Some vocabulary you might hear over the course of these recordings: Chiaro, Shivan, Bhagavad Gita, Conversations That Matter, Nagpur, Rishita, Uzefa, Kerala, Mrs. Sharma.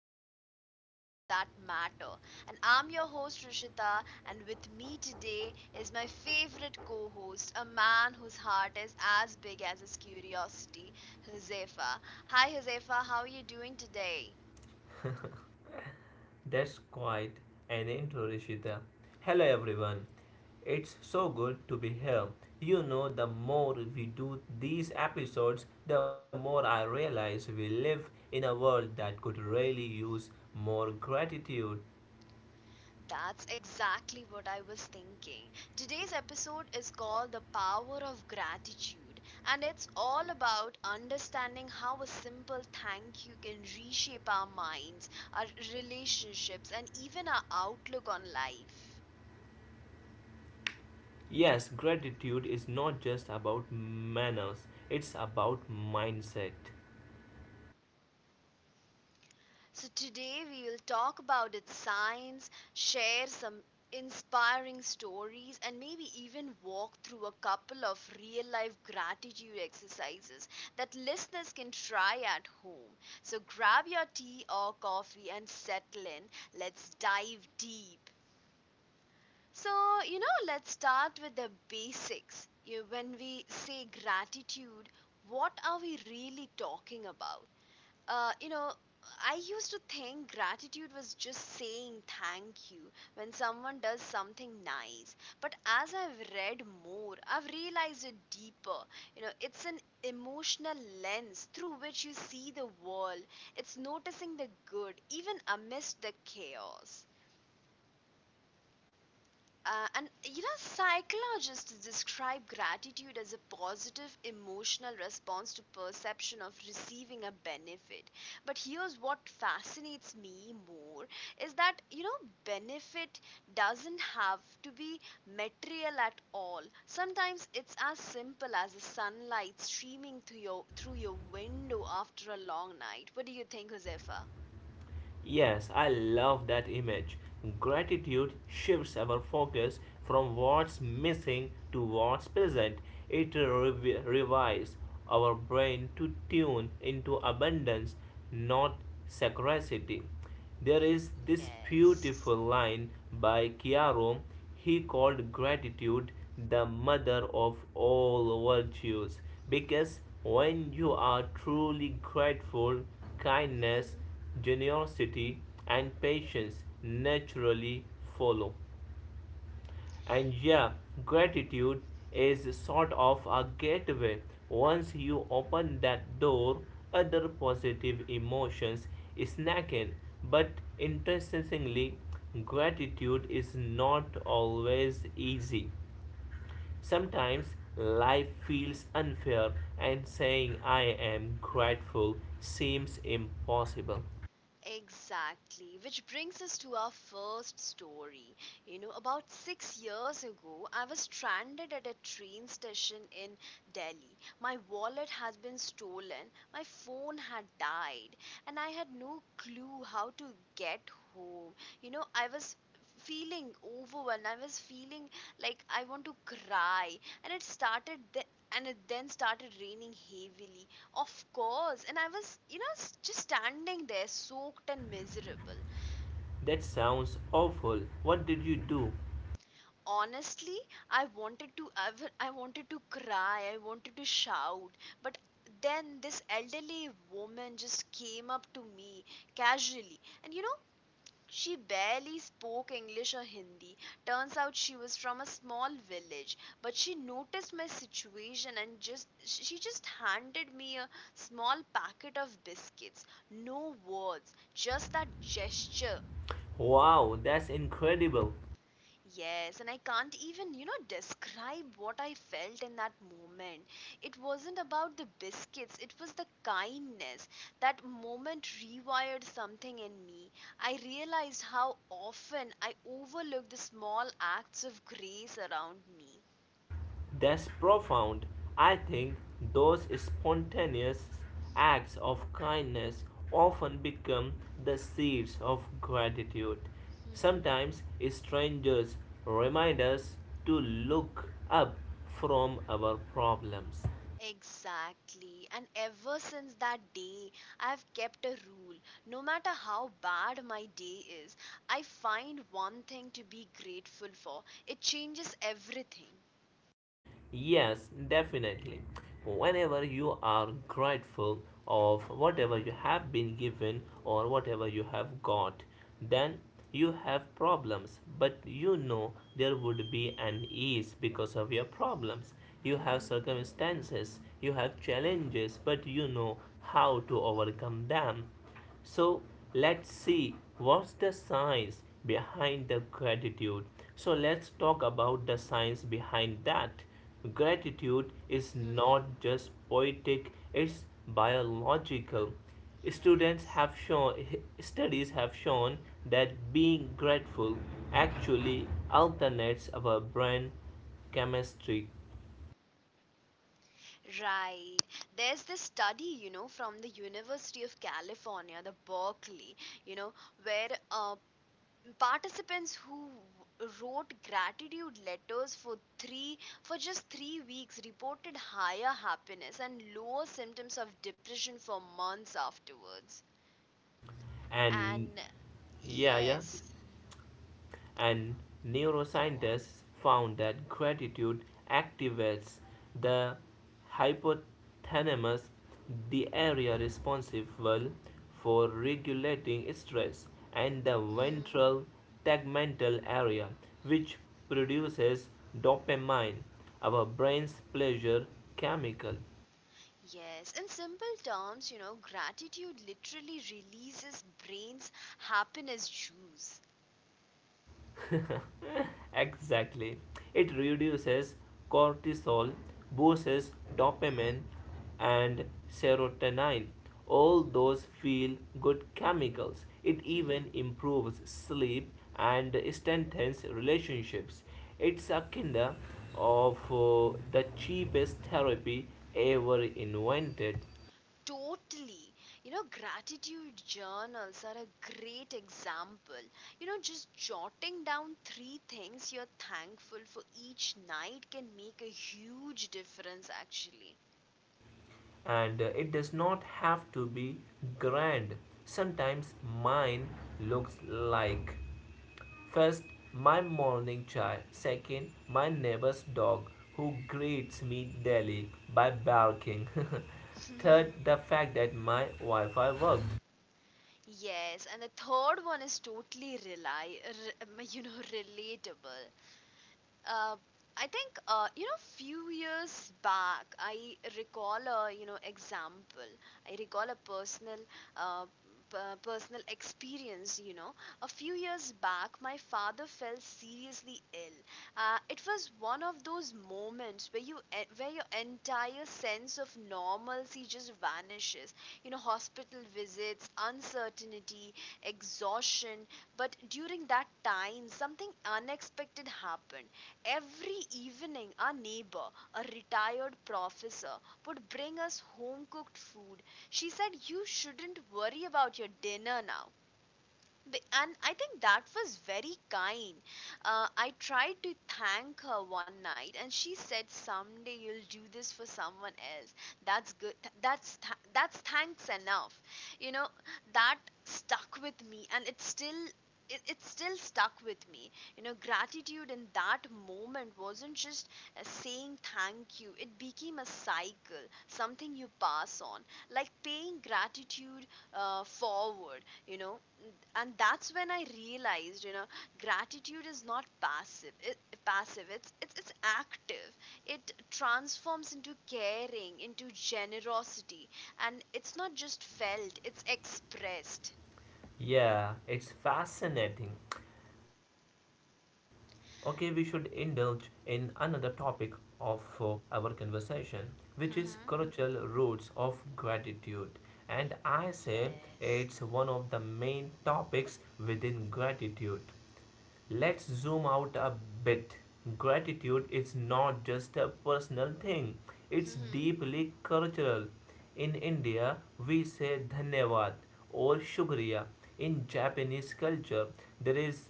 of Conversations That Matter. And I'm your host Rishita, and with me today is my favorite co-host, a man whose heart is as big as his curiosity, Josefa. Hi Josefa, how are you doing today? That's quite an intro, Rishita. Hello, everyone. It's so good to be here. You know, the more we do these episodes, the more I realize we live in a world that could really use more gratitude. That's exactly what I was thinking. Today's episode is called The Power of Gratitude, and it's all about understanding how a simple thank you can reshape our minds, our relationships, and even our outlook on life. Yes, gratitude is not just about manners, it's about mindset. So, today we will talk about its science, share some inspiring stories, and maybe even walk through a couple of real life gratitude exercises that listeners can try at home. So, grab your tea or coffee and settle in. Let's dive deep. So, let's start with the basics. When we say gratitude, what are we really talking about? uh, you know, I used to think gratitude was just saying thank you when someone does something nice. But as I've read more, I've realized it deeper. It's an emotional lens through which you see the world. It's noticing the good even amidst the chaos. Uh, and psychologists describe gratitude as a positive emotional response to perception of receiving a benefit. But here's what fascinates me more is that benefit doesn't have to be material at all. Sometimes it's as simple as the sunlight streaming through your window after a long night. What do you think, Josefa? Yes, I love that image. Gratitude shifts our focus from what's missing to what's present. It revives our brain to tune into abundance, not scarcity. There is this Yes. beautiful line by Chiaro. He called gratitude the mother of all virtues, because when you are truly grateful, Mhm. kindness, generosity, and patience naturally follow. And yeah, gratitude is sort of a gateway. Once you open that door, other positive emotions snack in. But interestingly, gratitude is not always easy. Sometimes life feels unfair, and saying I am grateful seems impossible. Exactly, which brings us to our first story. About 6 years ago, I was stranded at a train station in Delhi. My wallet had been stolen, my phone had died, and I had no clue how to get home. I was feeling overwhelmed, I was feeling like I want to cry, and it then started raining heavily, of course, and I was, just standing there soaked and miserable. That sounds awful. What did you do? Honestly, I wanted to cry, I wanted to shout, but then this elderly woman just came up to me casually. And she barely spoke English or Hindi. Turns out she was from a small village, but she noticed my situation and just she just handed me a small packet of biscuits. No words, just that gesture. Wow, that's incredible. Yes, and I can't even describe what I felt in that moment. It wasn't about the biscuits, it was the kindness. That moment rewired something in me. I realized how often I overlook the small acts of grace around me. That's profound. I think those spontaneous acts of kindness often become the seeds of gratitude. Sometimes strangers remind us to look up from our problems. Exactly. And ever since that day, I've kept a rule. No matter how bad my day is, I find one thing to be grateful for. It changes everything. Yes, definitely. Whenever you are grateful of whatever you have been given or whatever you have got, then you have problems, but you know there would be an ease because of your problems. You have circumstances, you have challenges, but you know how to overcome them. So let's see what's the science behind the gratitude. So let's talk about the science behind that. Gratitude is Hmm. not just poetic, it's biological. Students Yes. have shown Studies have shown that being grateful actually alternates our brain chemistry, Right. There's this study, from the University of California, the Berkeley, you know, where participants who wrote gratitude letters for three for just 3 weeks reported higher happiness and lower symptoms of depression for months afterwards. and And, yeah, yes, and go on. neuroscientists found that gratitude activates the hypothalamus, the area responsible for regulating stress, and the Mhm. ventral tegmental area, which produces dopamine, our brain's pleasure chemical. Yes, in simple terms, gratitude literally releases brain's happiness juice. Exactly. It reduces cortisol, boosts dopamine and serotonin, all Mhm. those feel good chemicals. It Mhm. even improves sleep and strengthens relationships. It's a kind of the cheapest therapy ever invented. Totally. Gratitude journals are a great example. Just jotting down three things you're thankful for each night can make a huge difference, actually. And it does not have to be grand. Sometimes mine looks like: first, my morning chai; second, my neighbor's dog who greets me daily by barking. Third, the fact that my Wi Fi worked. Yes, and the third one is totally rely, r- you know, relatable. Uh, I think few years back I recall a example. I recall a personal uh, personal experience. A few years back my father fell seriously ill. It was one of those moments where your entire sense of normalcy just vanishes. Hospital visits, uncertainty, exhaustion, but during that time something unexpected happened. Every evening, our neighbor, a retired professor, would bring us home cooked food. She said, "You shouldn't worry about your dinner now." And I think that was very kind. I tried to thank her one night, and she said, "Someday you'll do this for someone else. That's good. That's thanks enough." You know, that stuck with me, and it's still. It still stuck with me. Gratitude in that moment wasn't just saying thank you, it became a cycle, something you pass on, like paying gratitude forward and that's when I realized gratitude is not passive , it's active. It transforms into caring, into generosity, and it's not just felt, it's expressed. Yeah, it's fascinating. Okay, we should indulge in another topic of our conversation, which is Hmm. cultural roots of gratitude. And I say Yes. it's one of the main topics within gratitude. Let's zoom out a bit. Gratitude is not just a personal thing, it's Hmm. deeply cultural. In India, we say dhanyavad or shukriya. In Japanese culture, there is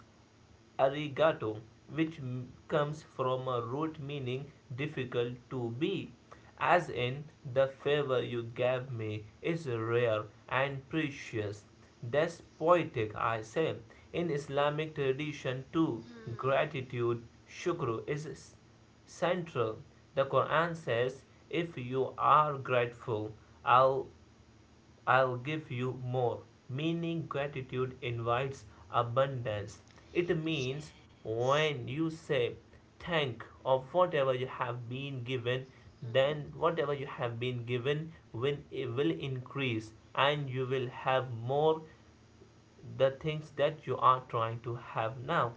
arigato, which comes from a root meaning difficult to be, as in the favor you gave me is rare and precious. That's poetic, I say. In Islamic tradition, too, Hmm. gratitude, shukr, is central. The Quran says, "If you are grateful, I'll I'll give you more." Meaning gratitude invites abundance. It means Yes. when you say thank of whatever you have been given, then Hmm. whatever you have been given will it will increase and you will have more the things that you are trying to have now.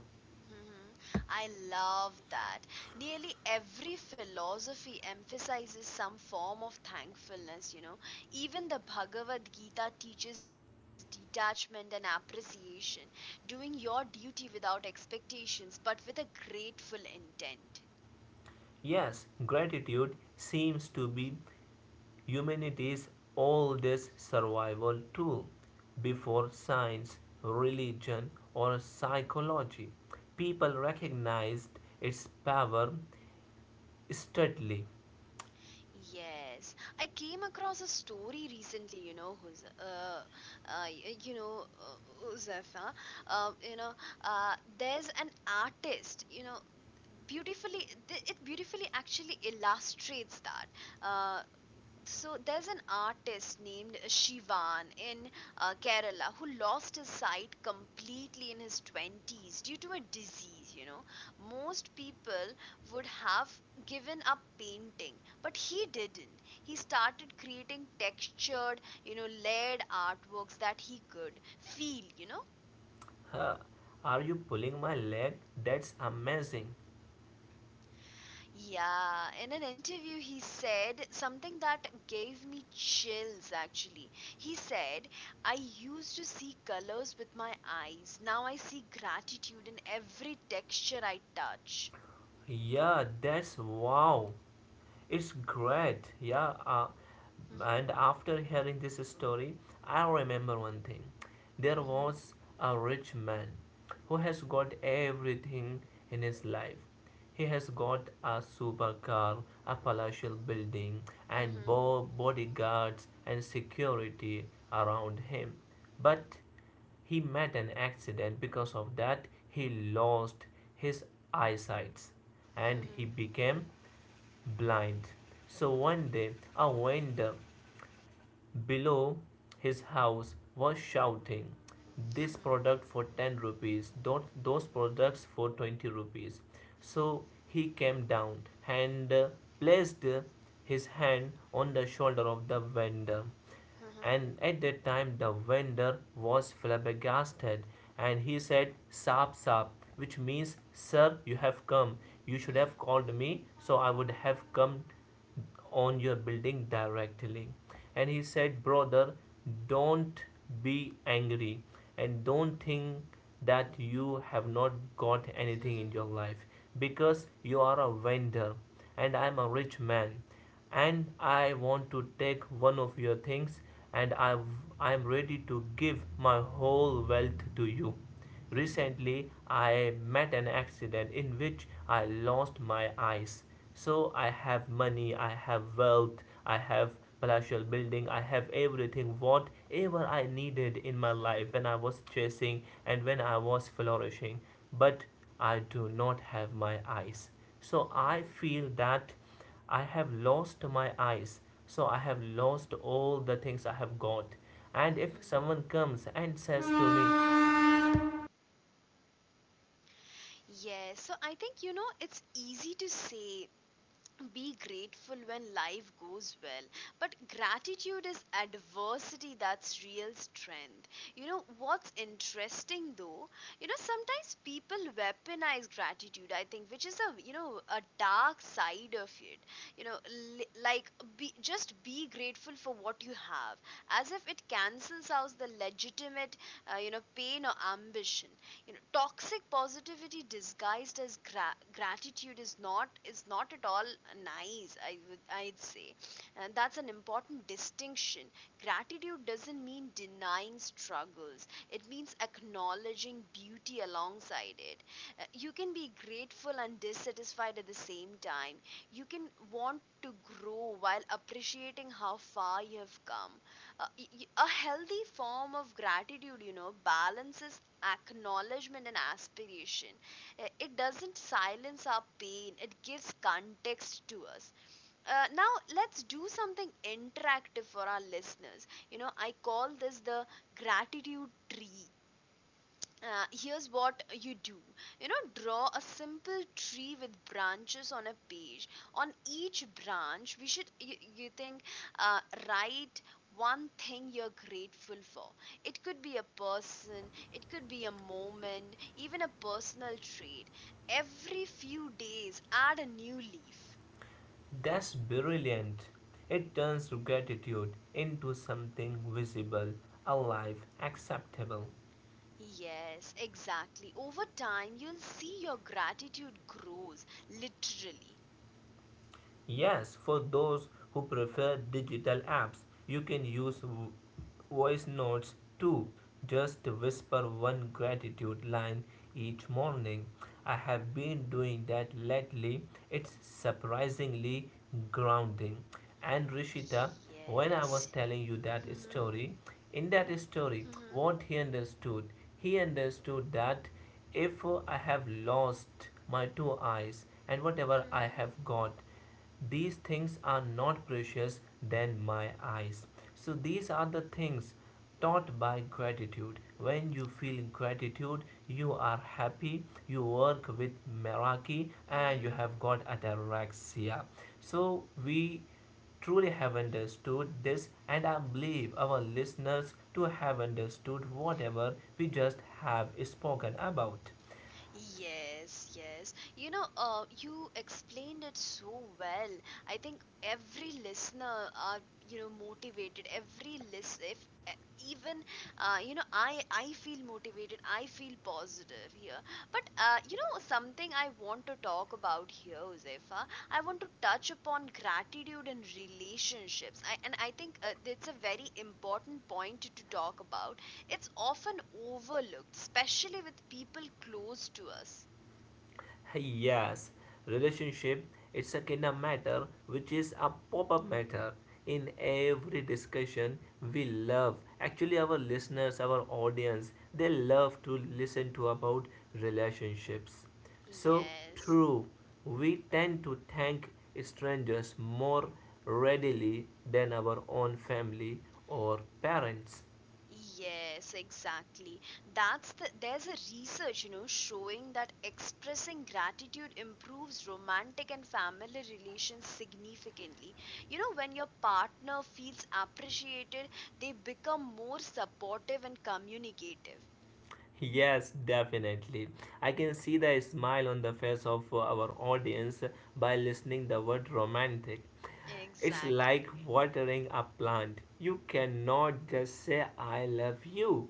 Hmm. I love that. Nearly every philosophy emphasizes some form of thankfulness. Even the Bhagavad Gita teaches detachment and appreciation, doing your duty without expectations but with a grateful intent. Yes, gratitude seems to be humanity's oldest survival tool. Before science, religion, or psychology, people recognized its power steadily. Yes, I came across a story recently, you know, who's y- you know, Huzaifa. uh, you know, there's an artist, it beautifully actually illustrates that. Uh, so there's an artist named Shivan in Kerala who lost his sight completely in his 20s due to a disease. Most people would have given up painting, but he didn't. He started creating textured, layered artworks that he could feel. Huh, are you pulling my leg? That's amazing. Yeah, in an interview, he said something that gave me chills actually. He said, "I used to see colors with my eyes. Now I see gratitude in every texture I touch." Yeah, that's wow. It's great, yeah. And after hearing this story, I remember one thing. There was a rich man who has got everything in his life. He has got a supercar, a palatial building, and bodyguards and security around him. But he met an accident because of that he lost his eyesight and he became blind. So one day a vendor below his house was shouting, "This product for 10 rupees, those products for 20 rupees." So he came down and placed his hand on the shoulder of the vendor, and at that time the vendor was flabbergasted, and he said, "Sap, sap," which means, "Sir, you have come. You should have called me, so I would have come on your building directly." And he said, "Brother, don't be angry, and don't think that you have not got anything in your life, because you are a vendor and I am a rich man, and I want to take one of your things, and I'm ready to give my whole wealth to you. Recently, I met an accident in which I lost my eyes. So I have money, I have wealth, I have palatial building, I have everything whatever I needed in my life when I was chasing and when I was flourishing. But I do not have my eyes. So I feel that I have lost my eyes, so I have lost all the things I have got. And if someone comes and says to me," Yes, so I think it's easy to say be grateful when life goes well, but gratitude is adversity, that's real strength. You know what's interesting though, sometimes people weaponize gratitude, I think, which is a a dark side of it. You know li- like be, just be grateful for what you have, as if it cancels out the legitimate pain or ambition. Toxic positivity disguised as gratitude is not at all nice, I'd say. And that's an important distinction. Gratitude doesn't mean denying struggles, it means acknowledging beauty alongside it. You can be grateful and dissatisfied at the same time. You can want to grow while appreciating how far you have come. A healthy form of gratitude you know balances acknowledgement and aspiration. It doesn't silence our pain, it gives context to us. Now, let's do something interactive for our listeners. I call this the gratitude tree. Here's what you do. Draw a simple tree with branches on a page. On each branch you think, uh, write one thing you're grateful for. It could be a person, it could be a moment, even a personal trait. Every few days add a new leaf. That's brilliant. It turns gratitude into something visible, alive, acceptable. Yes, exactly. Over time, you'll see your gratitude grows literally. Yes, for those who prefer digital apps, you can use voice notes too. Just whisper one gratitude line each morning. I have been doing that lately. It's surprisingly grounding. And Rishita, when I Yes. was telling you that Mhm, story, in that story, mhm. what he understood that if I have lost my two eyes and whatever I Mhm, have got, these things are not precious than my eyes. So these are the things taught by gratitude. When you feel gratitude, you are happy, you work with Meraki and you mhm. have got ataraxia. So we truly have understood this and I believe our listeners to have understood whatever we just have spoken about. Yes, yes. You explained it so well. I think every listener are motivated. Every list, if e- even, you know, I feel motivated. I feel positive here. But something I want to talk about here, Josefa. I want to touch upon gratitude in relationships. I think it's a very important point to talk about. It's often overlooked, especially with people close to us. Yes, relationship it's a kind of matter which is a pop-up matter in every discussion. We love actually our listeners our audience they love to listen to about relationships. So Yes. true, we tend to thank strangers more readily than our own family or parents. Yes, exactly. That's the there's a research, showing that expressing gratitude improves romantic and family relations significantly. You know, when your partner feels appreciated, they become more supportive and communicative. Yes, definitely. I can see the smile on the face of our audience by listening the word romantic. It's Exactly. like watering a plant. You cannot just say I love you,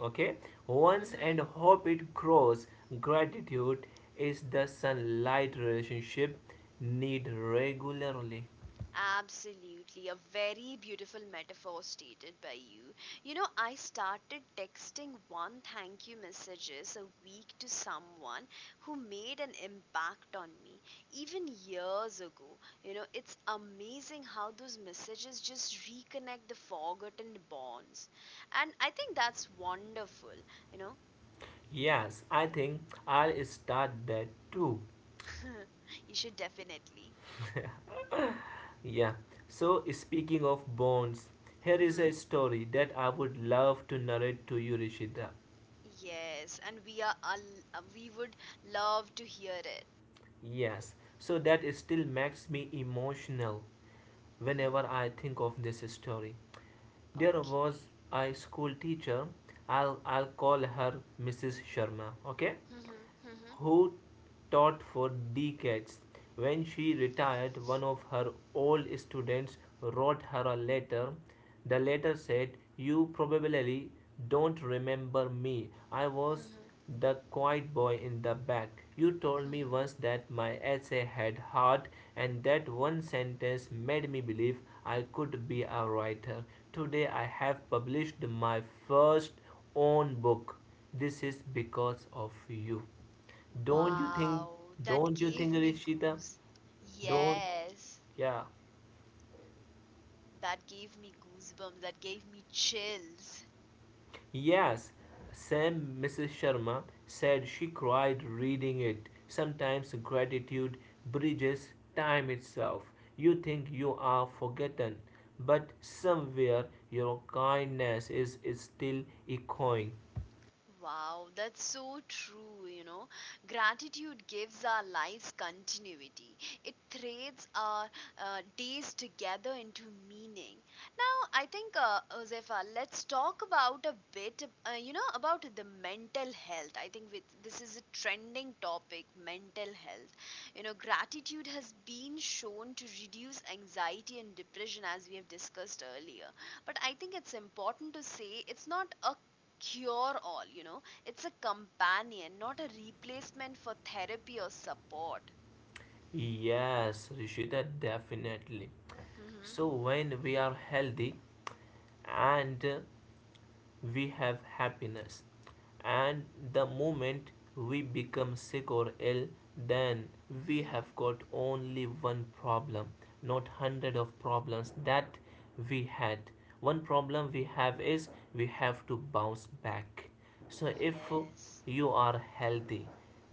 okay? Once and Mm-hmm. hope it grows. Gratitude is the sunlight relationship need regularly. Absolutely, a very beautiful metaphor stated by you. I started texting one thank you messages a week to someone who made an impact on me even years ago. It's amazing how those messages just reconnect the forgotten bonds. And I think that's wonderful, you know. Yes, I think I'll start that too. You should definitely. Yeah. So speaking of bonds, here is a Hmm. story that I would love to narrate to you, Rishita. Yes, and we would love to hear it. Yes. So that still makes me emotional Mhm. whenever I think of this story. There was Okay. a school teacher. I'll call her Mrs. Sharma. Okay. Mhm, mhm, Who taught for decades. When she retired, one of her old students wrote her a letter. The letter said, "You probably don't remember me. I was mhm, the quiet boy in the back. You told me once mhm. that my essay had heart, and that one sentence made me believe I could be a writer. Today I have published my first own book. This is because of you." Don't you think? Wow, that Don't you gave think, me Rishita? goose. Don't. Yes, Yeah. that gave me goosebumps. That gave me chills. Yes. Sam, Mrs. Sharma said she cried reading it. Sometimes gratitude bridges time itself. You think you are forgotten, but somewhere your kindness is still echoing. Wow, that's so true. Gratitude gives our lives continuity. It threads our days together into meaning. Now, I think, Josefa, let's talk about a bit, about the mental health. I think this is a trending topic, mental health. Gratitude has been shown to reduce anxiety and depression, as we have discussed earlier. But I think it's important to say it's not a cure all. It's a companion, not a replacement for therapy or support. Yes, Rishita, definitely. Mhm, So when we are healthy and we have happiness, and the moment we become sick or ill, then we mhm, have got only one problem, not hundred of problems that we had. One problem we have is we have to bounce back. So if yes. you are healthy,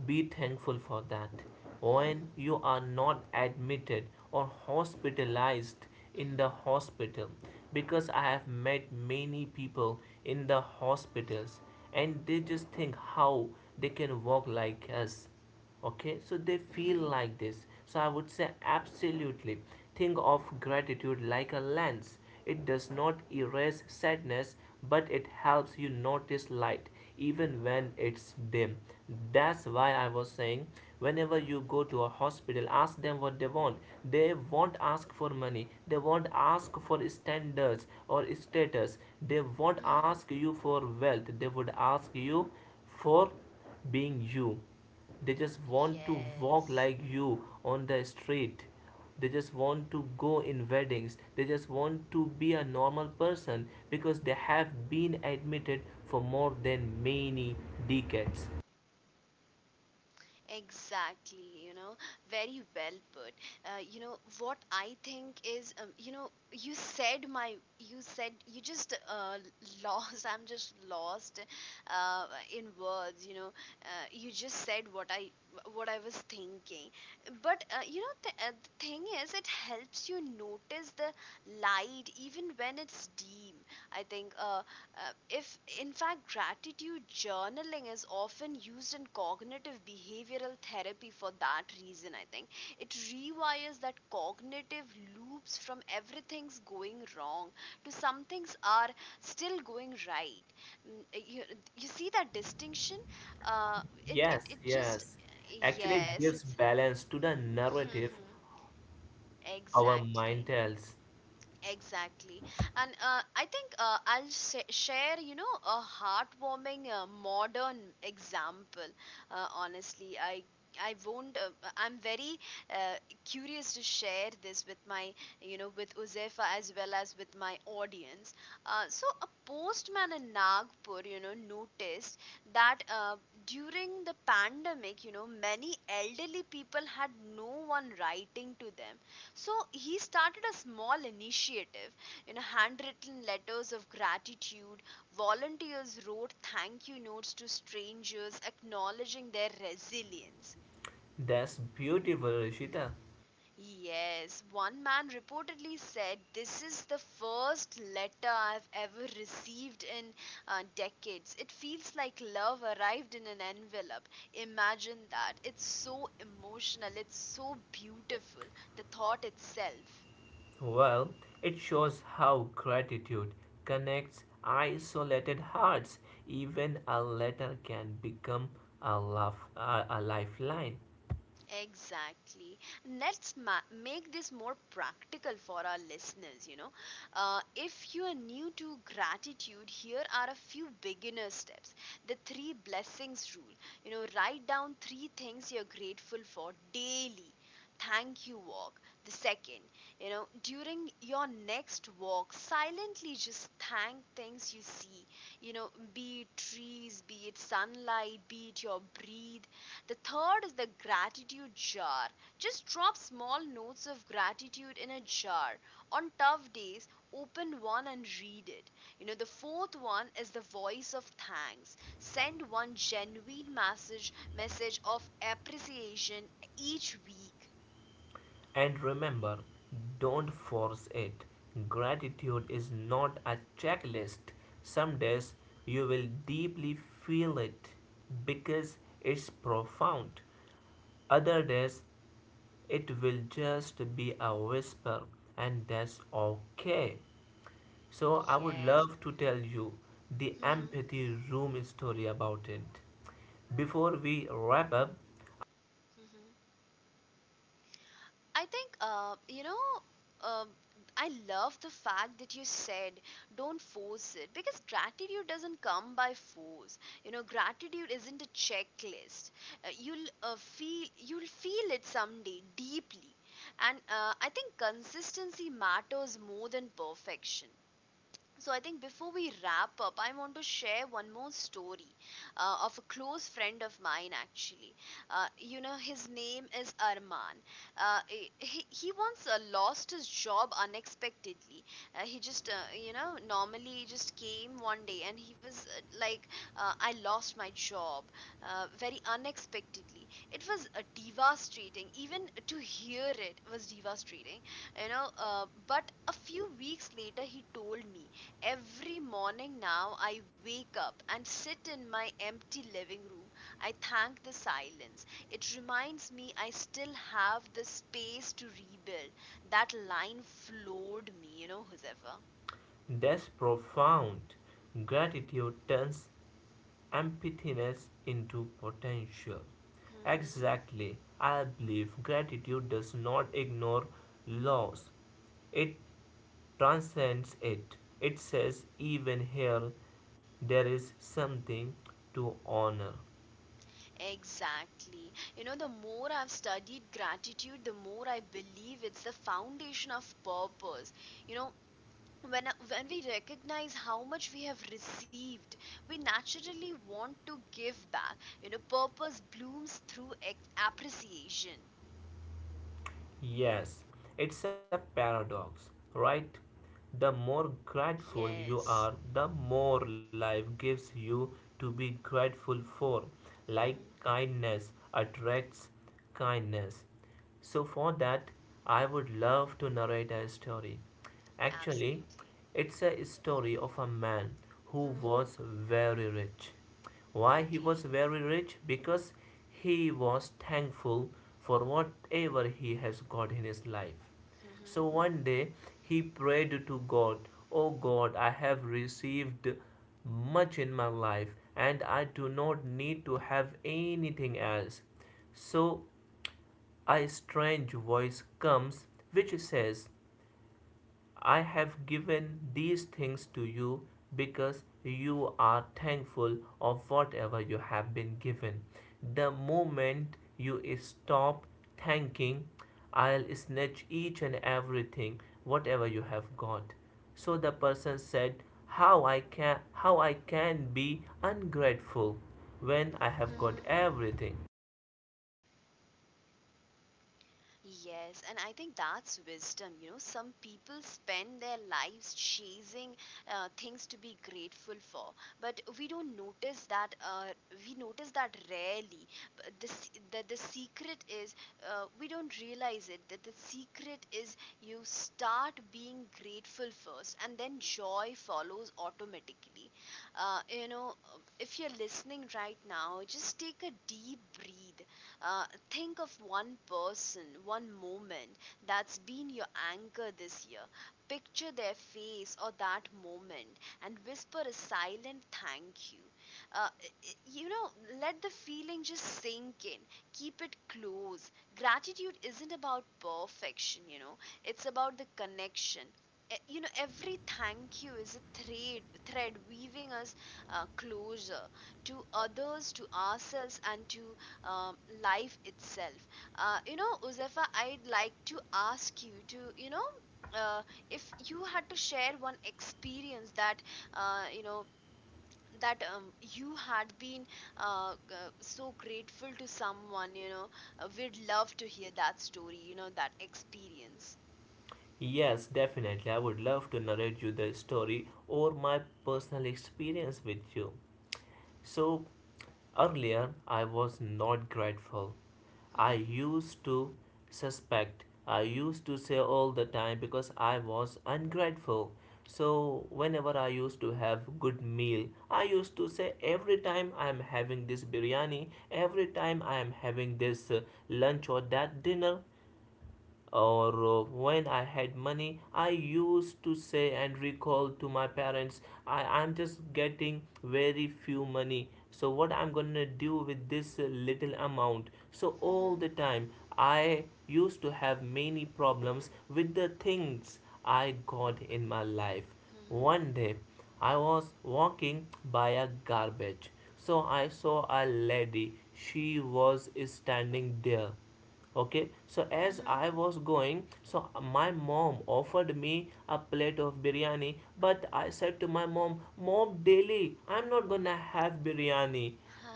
be thankful for that. When Mhm, you are not admitted or hospitalized in the mhm, hospital, because I have met many people in the hospitals, and they just think how they can walk like us. Okay, so they feel mhm, like this. So I would say absolutely, think of gratitude like a lens. It does not erase sadness, but it helps you notice light even when it's dim. That's why I was saying whenever you go to a hospital, ask them what they want. They won't ask for money, they won't ask for standards or status, they won't mhm. ask you for wealth, they would ask you for being you. They just want to walk Yes. like you on the street, they just want to go in weddings, they just want to be a normal person because they have been admitted for more than many decades. Exactly, very well put. You know what I think is, you said you just lost. I'm just lost uh, in words. You just said what I was thinking. But the thing is, it helps you notice the light even when it's dim. I think if, in fact, gratitude journaling is often used in cognitive behavioral therapy for that reason, I think. It rewires that cognitive loops from everything's going wrong to some things are still going right. You, you see that distinction? Uh, it, it, yes it just, yes actually it yes, gives it's. balance to the narrative our mind Exactly. tells. Exactly. And I think share, you know, a heartwarming modern example. Honestly, I won't. I'm very uh, curious to share this with you know, with Uzefa as well as with my audience. So a postman in Nagpur, you know, noticed that during the pandemic, you know, many elderly people had no one writing to them, so he started a small initiative, you know, handwritten letters of gratitude. Volunteers wrote thank you notes to strangers acknowledging their resilience. That's beautiful, Rishita. Yes, one man reportedly said, "This is the first letter I've ever received in decades. It feels like love arrived in an envelope." Imagine that. It's so emotional, it's so beautiful, the thought itself. Well, it shows how gratitude connects isolated hearts. Even a letter can become a lifeline. Exactly. Let's make this more practical for our listeners. You know, if you are new to gratitude, here are a few beginner steps. The three blessings rule. You know, write down three things you're grateful for daily. Thank you walk. The second, you know, during your next walk, silently just thank things you see. You know, be it trees, be it sunlight, be it your breathe, the third is the gratitude jar. Just drop small notes of gratitude in a jar. On tough days, open one and read it. You know, the fourth one is the voice of thanks. Send one genuine message of appreciation each week. And remember, don't force it. Gratitude is not a checklist. Some days you will deeply feel it because it's profound. Other days it will just be a whisper, and that's okay. So, I Yes. would love to tell you the Mhm. empathy room story about it. Before we wrap up, Mhm. I think, you know, um I love the fact that you said don't force it because gratitude doesn't come by force. You know, gratitude isn't a checklist. You'll feel you'll feel it someday deeply, and I think consistency matters more than perfection. So I think before we wrap up, I want to share one more story of a close friend of mine. Actually, you know, his name is Arman. Uh, he once lost his job unexpectedly. He just you know, normally just came one day and he was like, I lost my job very unexpectedly. It was devastating. Even to hear it was devastating, you know, but a few weeks later he told me, "Every morning now, I wake up and sit in my empty living room. I thank the silence. It reminds me I still have the space to rebuild." That line floored me, you know, Josefa. that's profound. Gratitude turns emptiness into potential. Hmm. Exactly. I believe gratitude does not ignore loss, it transcends it. It says, even here, there is something to honor. Exactly. You know, the more I've studied gratitude, the more I believe it's the foundation of purpose. You know, when we recognize how much we have received, we naturally want to give back, you know, purpose blooms through appreciation. Yes, it's a paradox, right? The more grateful you Yes. are, the more life gives you to be grateful for. Like Hmm. kindness attracts kindness. So for that, I would love to narrate a story. Actually, Absolutely. it's a story of a man who was Hmm. very rich. Why he was Okay. very rich? Because he was thankful for whatever he has got in his life. So Hmm. one day he prayed to God, "Oh God, I have received much in my life and I do not need to have anything else." So a strange voice comes which says, I have given these things to you because you are thankful of whatever you have been given. The moment you stop thanking, I'll snatch each and everything, whatever you have got. So the person said, How I can be ungrateful when I have got Hmm. everything. Yes, and I think that's wisdom. You know, some people spend their lives chasing things to be grateful for, but we don't notice that. We notice that rarely. But the secret is we don't realize it. That the secret is you start being grateful first, and then joy follows automatically. You know, if you're listening right now, just take a deep breath, think of one person, one moment that's been your anchor this year. Picture their face or that moment and whisper a silent thank you. Uh, you know, let the feeling just sink in. Keep it close. Gratitude isn't about perfection, you know, it's about the connection. You know, every thank you is a thread weaving us closer to others, to ourselves, and to um, life itself. You know, Uzefa, I'd like to ask you to, you know, uh, if you had to share one experience that, you know, that you had been so grateful to someone, you know, we'd love to hear that story, you know, that experience. Yes, definitely. I would love to narrate you the story or my personal experience with you. So, earlier I was not grateful. I Mhm. used to suspect, I used to say all the time because I was ungrateful. So, whenever I used to have good meal, I used to say every time I am having this biryani, every time I am having this lunch or that dinner, or when I had money, I used to say and recall to my parents, I'm just getting very few money, so what I'm going to do with this little amount? So all Mhm. the time I used to have many problems with the things I got in my life. One Mhm. day I was walking by a garbage. So I saw a lady. She was standing there. Okay, so as Mhm. I was going, so my mom offered me a plate of biryani, but I said to my mom, mom, daily I'm not gonna have biryani,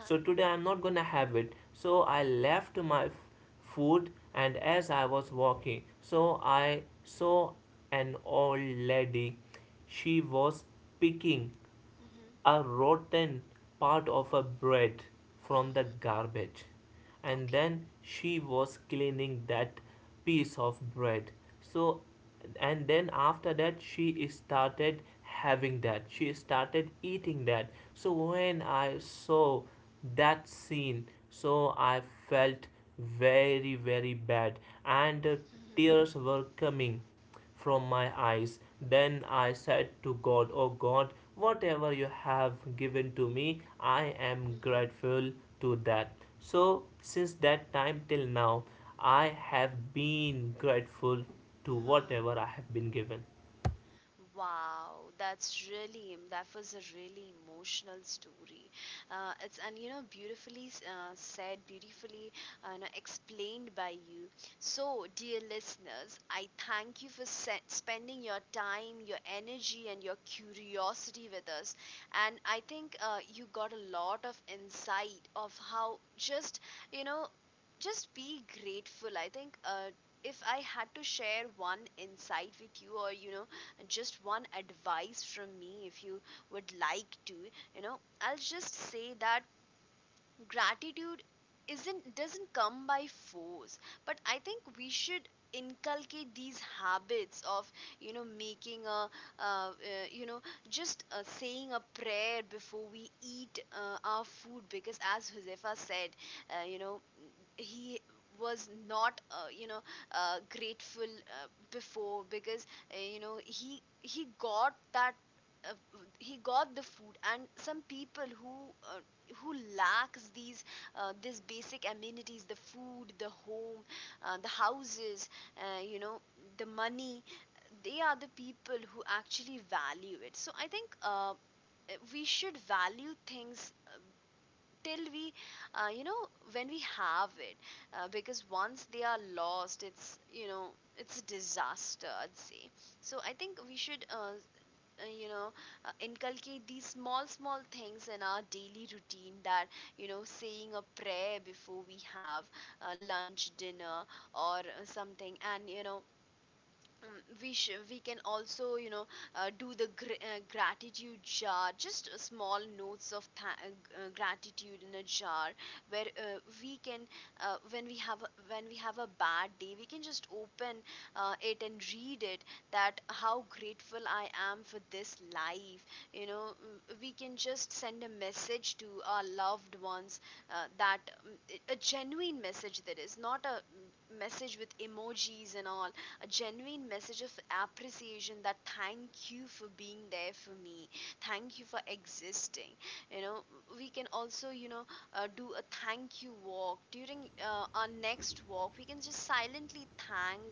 so today I'm not gonna have it. So I left my food, and as I was walking, so I saw an old lady. She was picking Mhm. a rotten part of a bread from the Mhm. garbage, and then Okay. she was cleaning that piece of bread. So and then after that, she started having that, she started eating that. So when I saw that scene, so I felt very very bad, and Mhm. tears were coming from my eyes. Then I said to God, O God, whatever you have given to me, I Mhm. am grateful to that. So, since that time till now, I have been grateful to Uh-huh. whatever I have been given. Wow, that's really that was a really emotional story. It's and you know, beautifully said, beautifully you know, explained by you. So, dear listeners, I thank you for spending your time, your energy, and your curiosity with us. And I think you got a lot of insight of how just, you know, just be grateful, I think. If I had to share one insight with you, or you know, just one advice from me, if you would like to, you know, I'll just say that gratitude isn't doesn't come by force, but I think we should inculcate these habits of, you know, making a uh, uh, you know, just saying a prayer before we eat our food, because as Josefa said, you know, he was not you know, grateful before, because you know, he got that, uh, he got the food, and some people uh, who lacks these this basic amenities, the food, the home, the houses, you know, the money, they are the people who actually value it. So I think we should value things till we you know, when we have it, because once they are lost, it's you know, it's a disaster, I'd say. So I think we should you know, inculcate these small small things in our daily routine, that, you know, saying a prayer before we have lunch, dinner, or something, and you know, um, we we can also, you know, do the gratitude jar, just small notes of gratitude in a jar, where we can, when we have a bad day, we can just open it and read it, that how grateful I am for this life. You know, we can just send a message to our loved ones, that a genuine message, that is not a message with emojis and all, a genuine message of appreciation, that thank you for being there for me, thank you for existing, you know. We can also, you know, do a thank you walk. During our next walk, we can just silently thank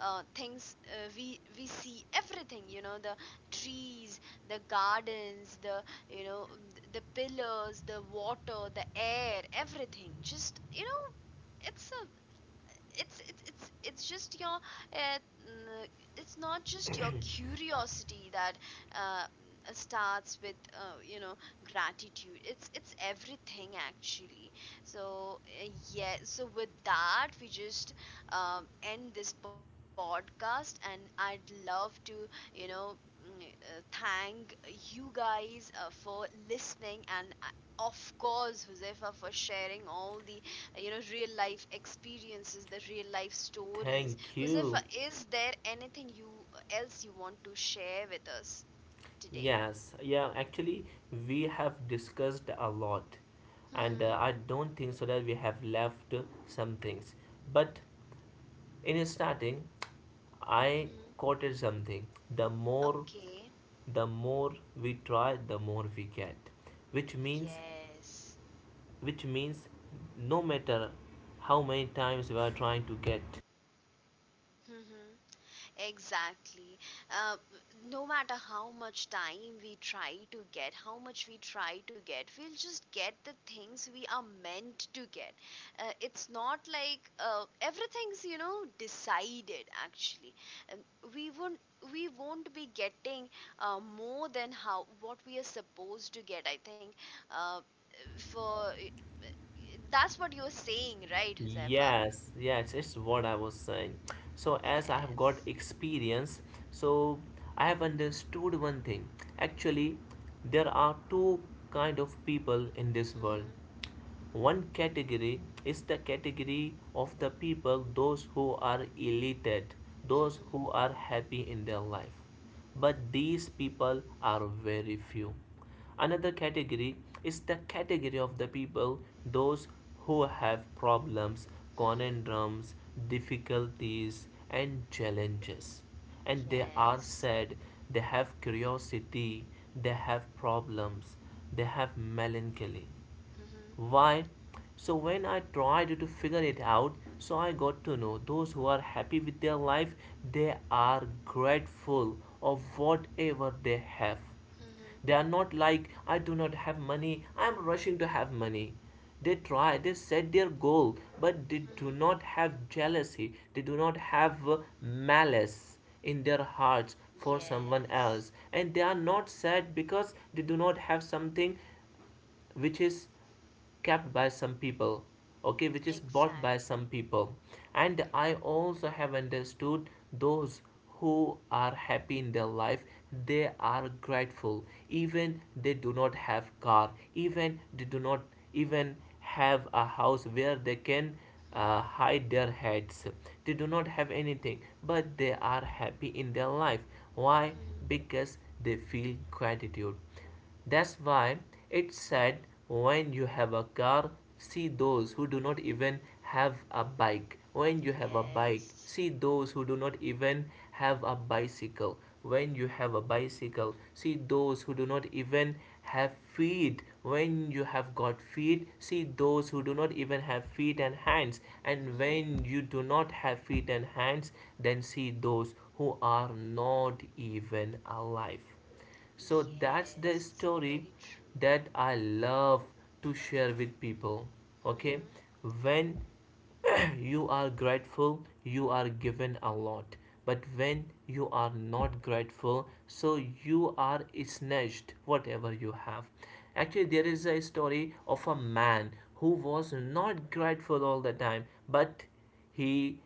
things we see, everything, you know, the trees, the gardens, the, you know, the pillars, the water, the air, everything. Just, you know, it's a, it's just your mm, it's not just your curiosity that starts with, you know, gratitude, it's everything actually. So yeah, so with that we just end this podcast, and I'd love to, you know, thank you guys for listening, and of course, Josefa, for sharing all the you know, real life experiences, the real life stories. Thank Josefa, you. is there anything you else you want to share with us today? Yes, yeah, actually, we have discussed a lot, and Mm-hmm. I don't think so that we have left some things. But in starting, I Mm-hmm. quoted something. The more, Okay. the more we try, the more we get. Which means, Yes. which means, no matter how many times we are trying to get. Mm-hmm. Exactly. Uh, no matter how much time we try to get, how much we try to get, we'll just get the things we are meant to get. It's not like everything's, you know, decided actually. Um, we won't we won't be getting more than how what we are supposed to get, I think. uh, for, that's what you're saying, right, Josefa? Yes, yes, it's what I was saying. So as I have got Yes. experience, so I have understood one thing. Actually, there are two kind of people in this world. Hmm. One category is the category of the people, those who are elated, those Hmm. who are happy in their life. But these people are very few. Another category is the category of the people, those who have problems, Hmm. conundrums, difficulties, and challenges. And they are Yes. sad, they have curiosity, they have problems, they have melancholy. Mhm. Why? So when I tried to figure it out, so I got to know those who are happy with their life, they are grateful of whatever they have. They are Mhm. not like I do not have money, I am rushing to have money. They try, they set their goal, but they do Mhm. not have jealousy, they do not have malice in their hearts for Yes. someone else, and they are not sad because they do not have something which is kept by some people, okay, which is bought by Exactly. some people. And I also have understood those who are happy in their life, they are grateful even they do not have car, even they do not even have a house where they can Mhm. hide their heads. They do not have anything, but they are happy in their life. Why? Mhm. Because they feel gratitude. That's why it's sad. When you have a car, see those Mhm. who do not even have a bike. When you have a bike, Yes. see those who do not even have a bicycle. When you have a bicycle, see those who do not even have feet. When you have got feet, see those who do not even have feet and hands. And when Mhm. you do not have feet and hands, then see those who are not even alive. So that's the Yes. story Very true. that I love to share with people. Okay, Mhm. when you are grateful, you are given a lot, but when you are not grateful, so you are snatched whatever you have. Actually, there is a story of a man who was not grateful all the time, but he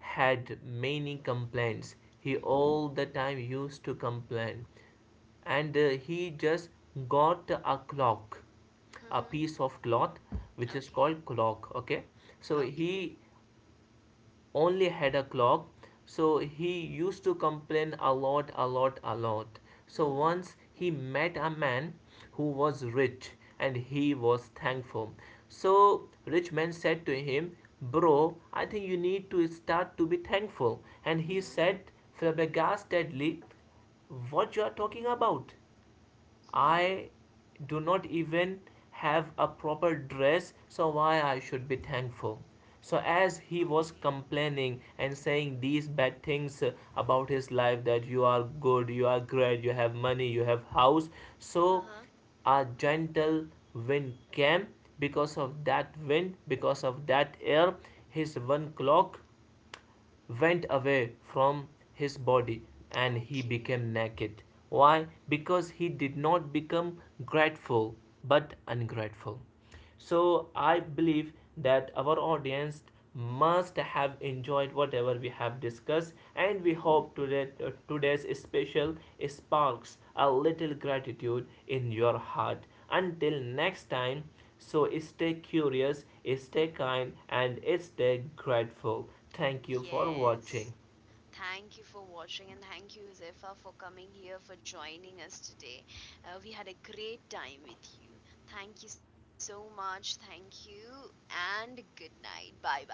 had many complaints. He all Mhm. the time used to complain, and he just got a clock, a Mhm. piece of cloth which is Okay. called clock, okay, so Okay. he only had a clock. So he used to complain a lot, a lot, a lot. So Mhm. once he met a man who was rich and he was thankful. So rich man said to him, bro, I think you need to start to be thankful. And he Mhm. said flabbergastedly, what you are talking about? I Mhm. do not even have a proper dress, so why I should be thankful? So, as he was Okay. complaining and saying these bad things about his life, that you are good, you are great, you have money, you have house, so Uh-huh. a gentle wind came. Because of that wind, because of that air, his one clock went away from his body and he Okay. became naked. Why? Because he did not become grateful but ungrateful. So I believe that our audience must have enjoyed whatever we have discussed, and we hope Mhm. Today's special sparks a little gratitude in your heart. Until next time, so stay curious, stay kind, and stay grateful. Thank you for watching. Yes. Thank you for watching, and thank you, Josefa, for coming here, for joining us today. We had a great time with you. Thank you so much. Thank you, and good night. Bye bye.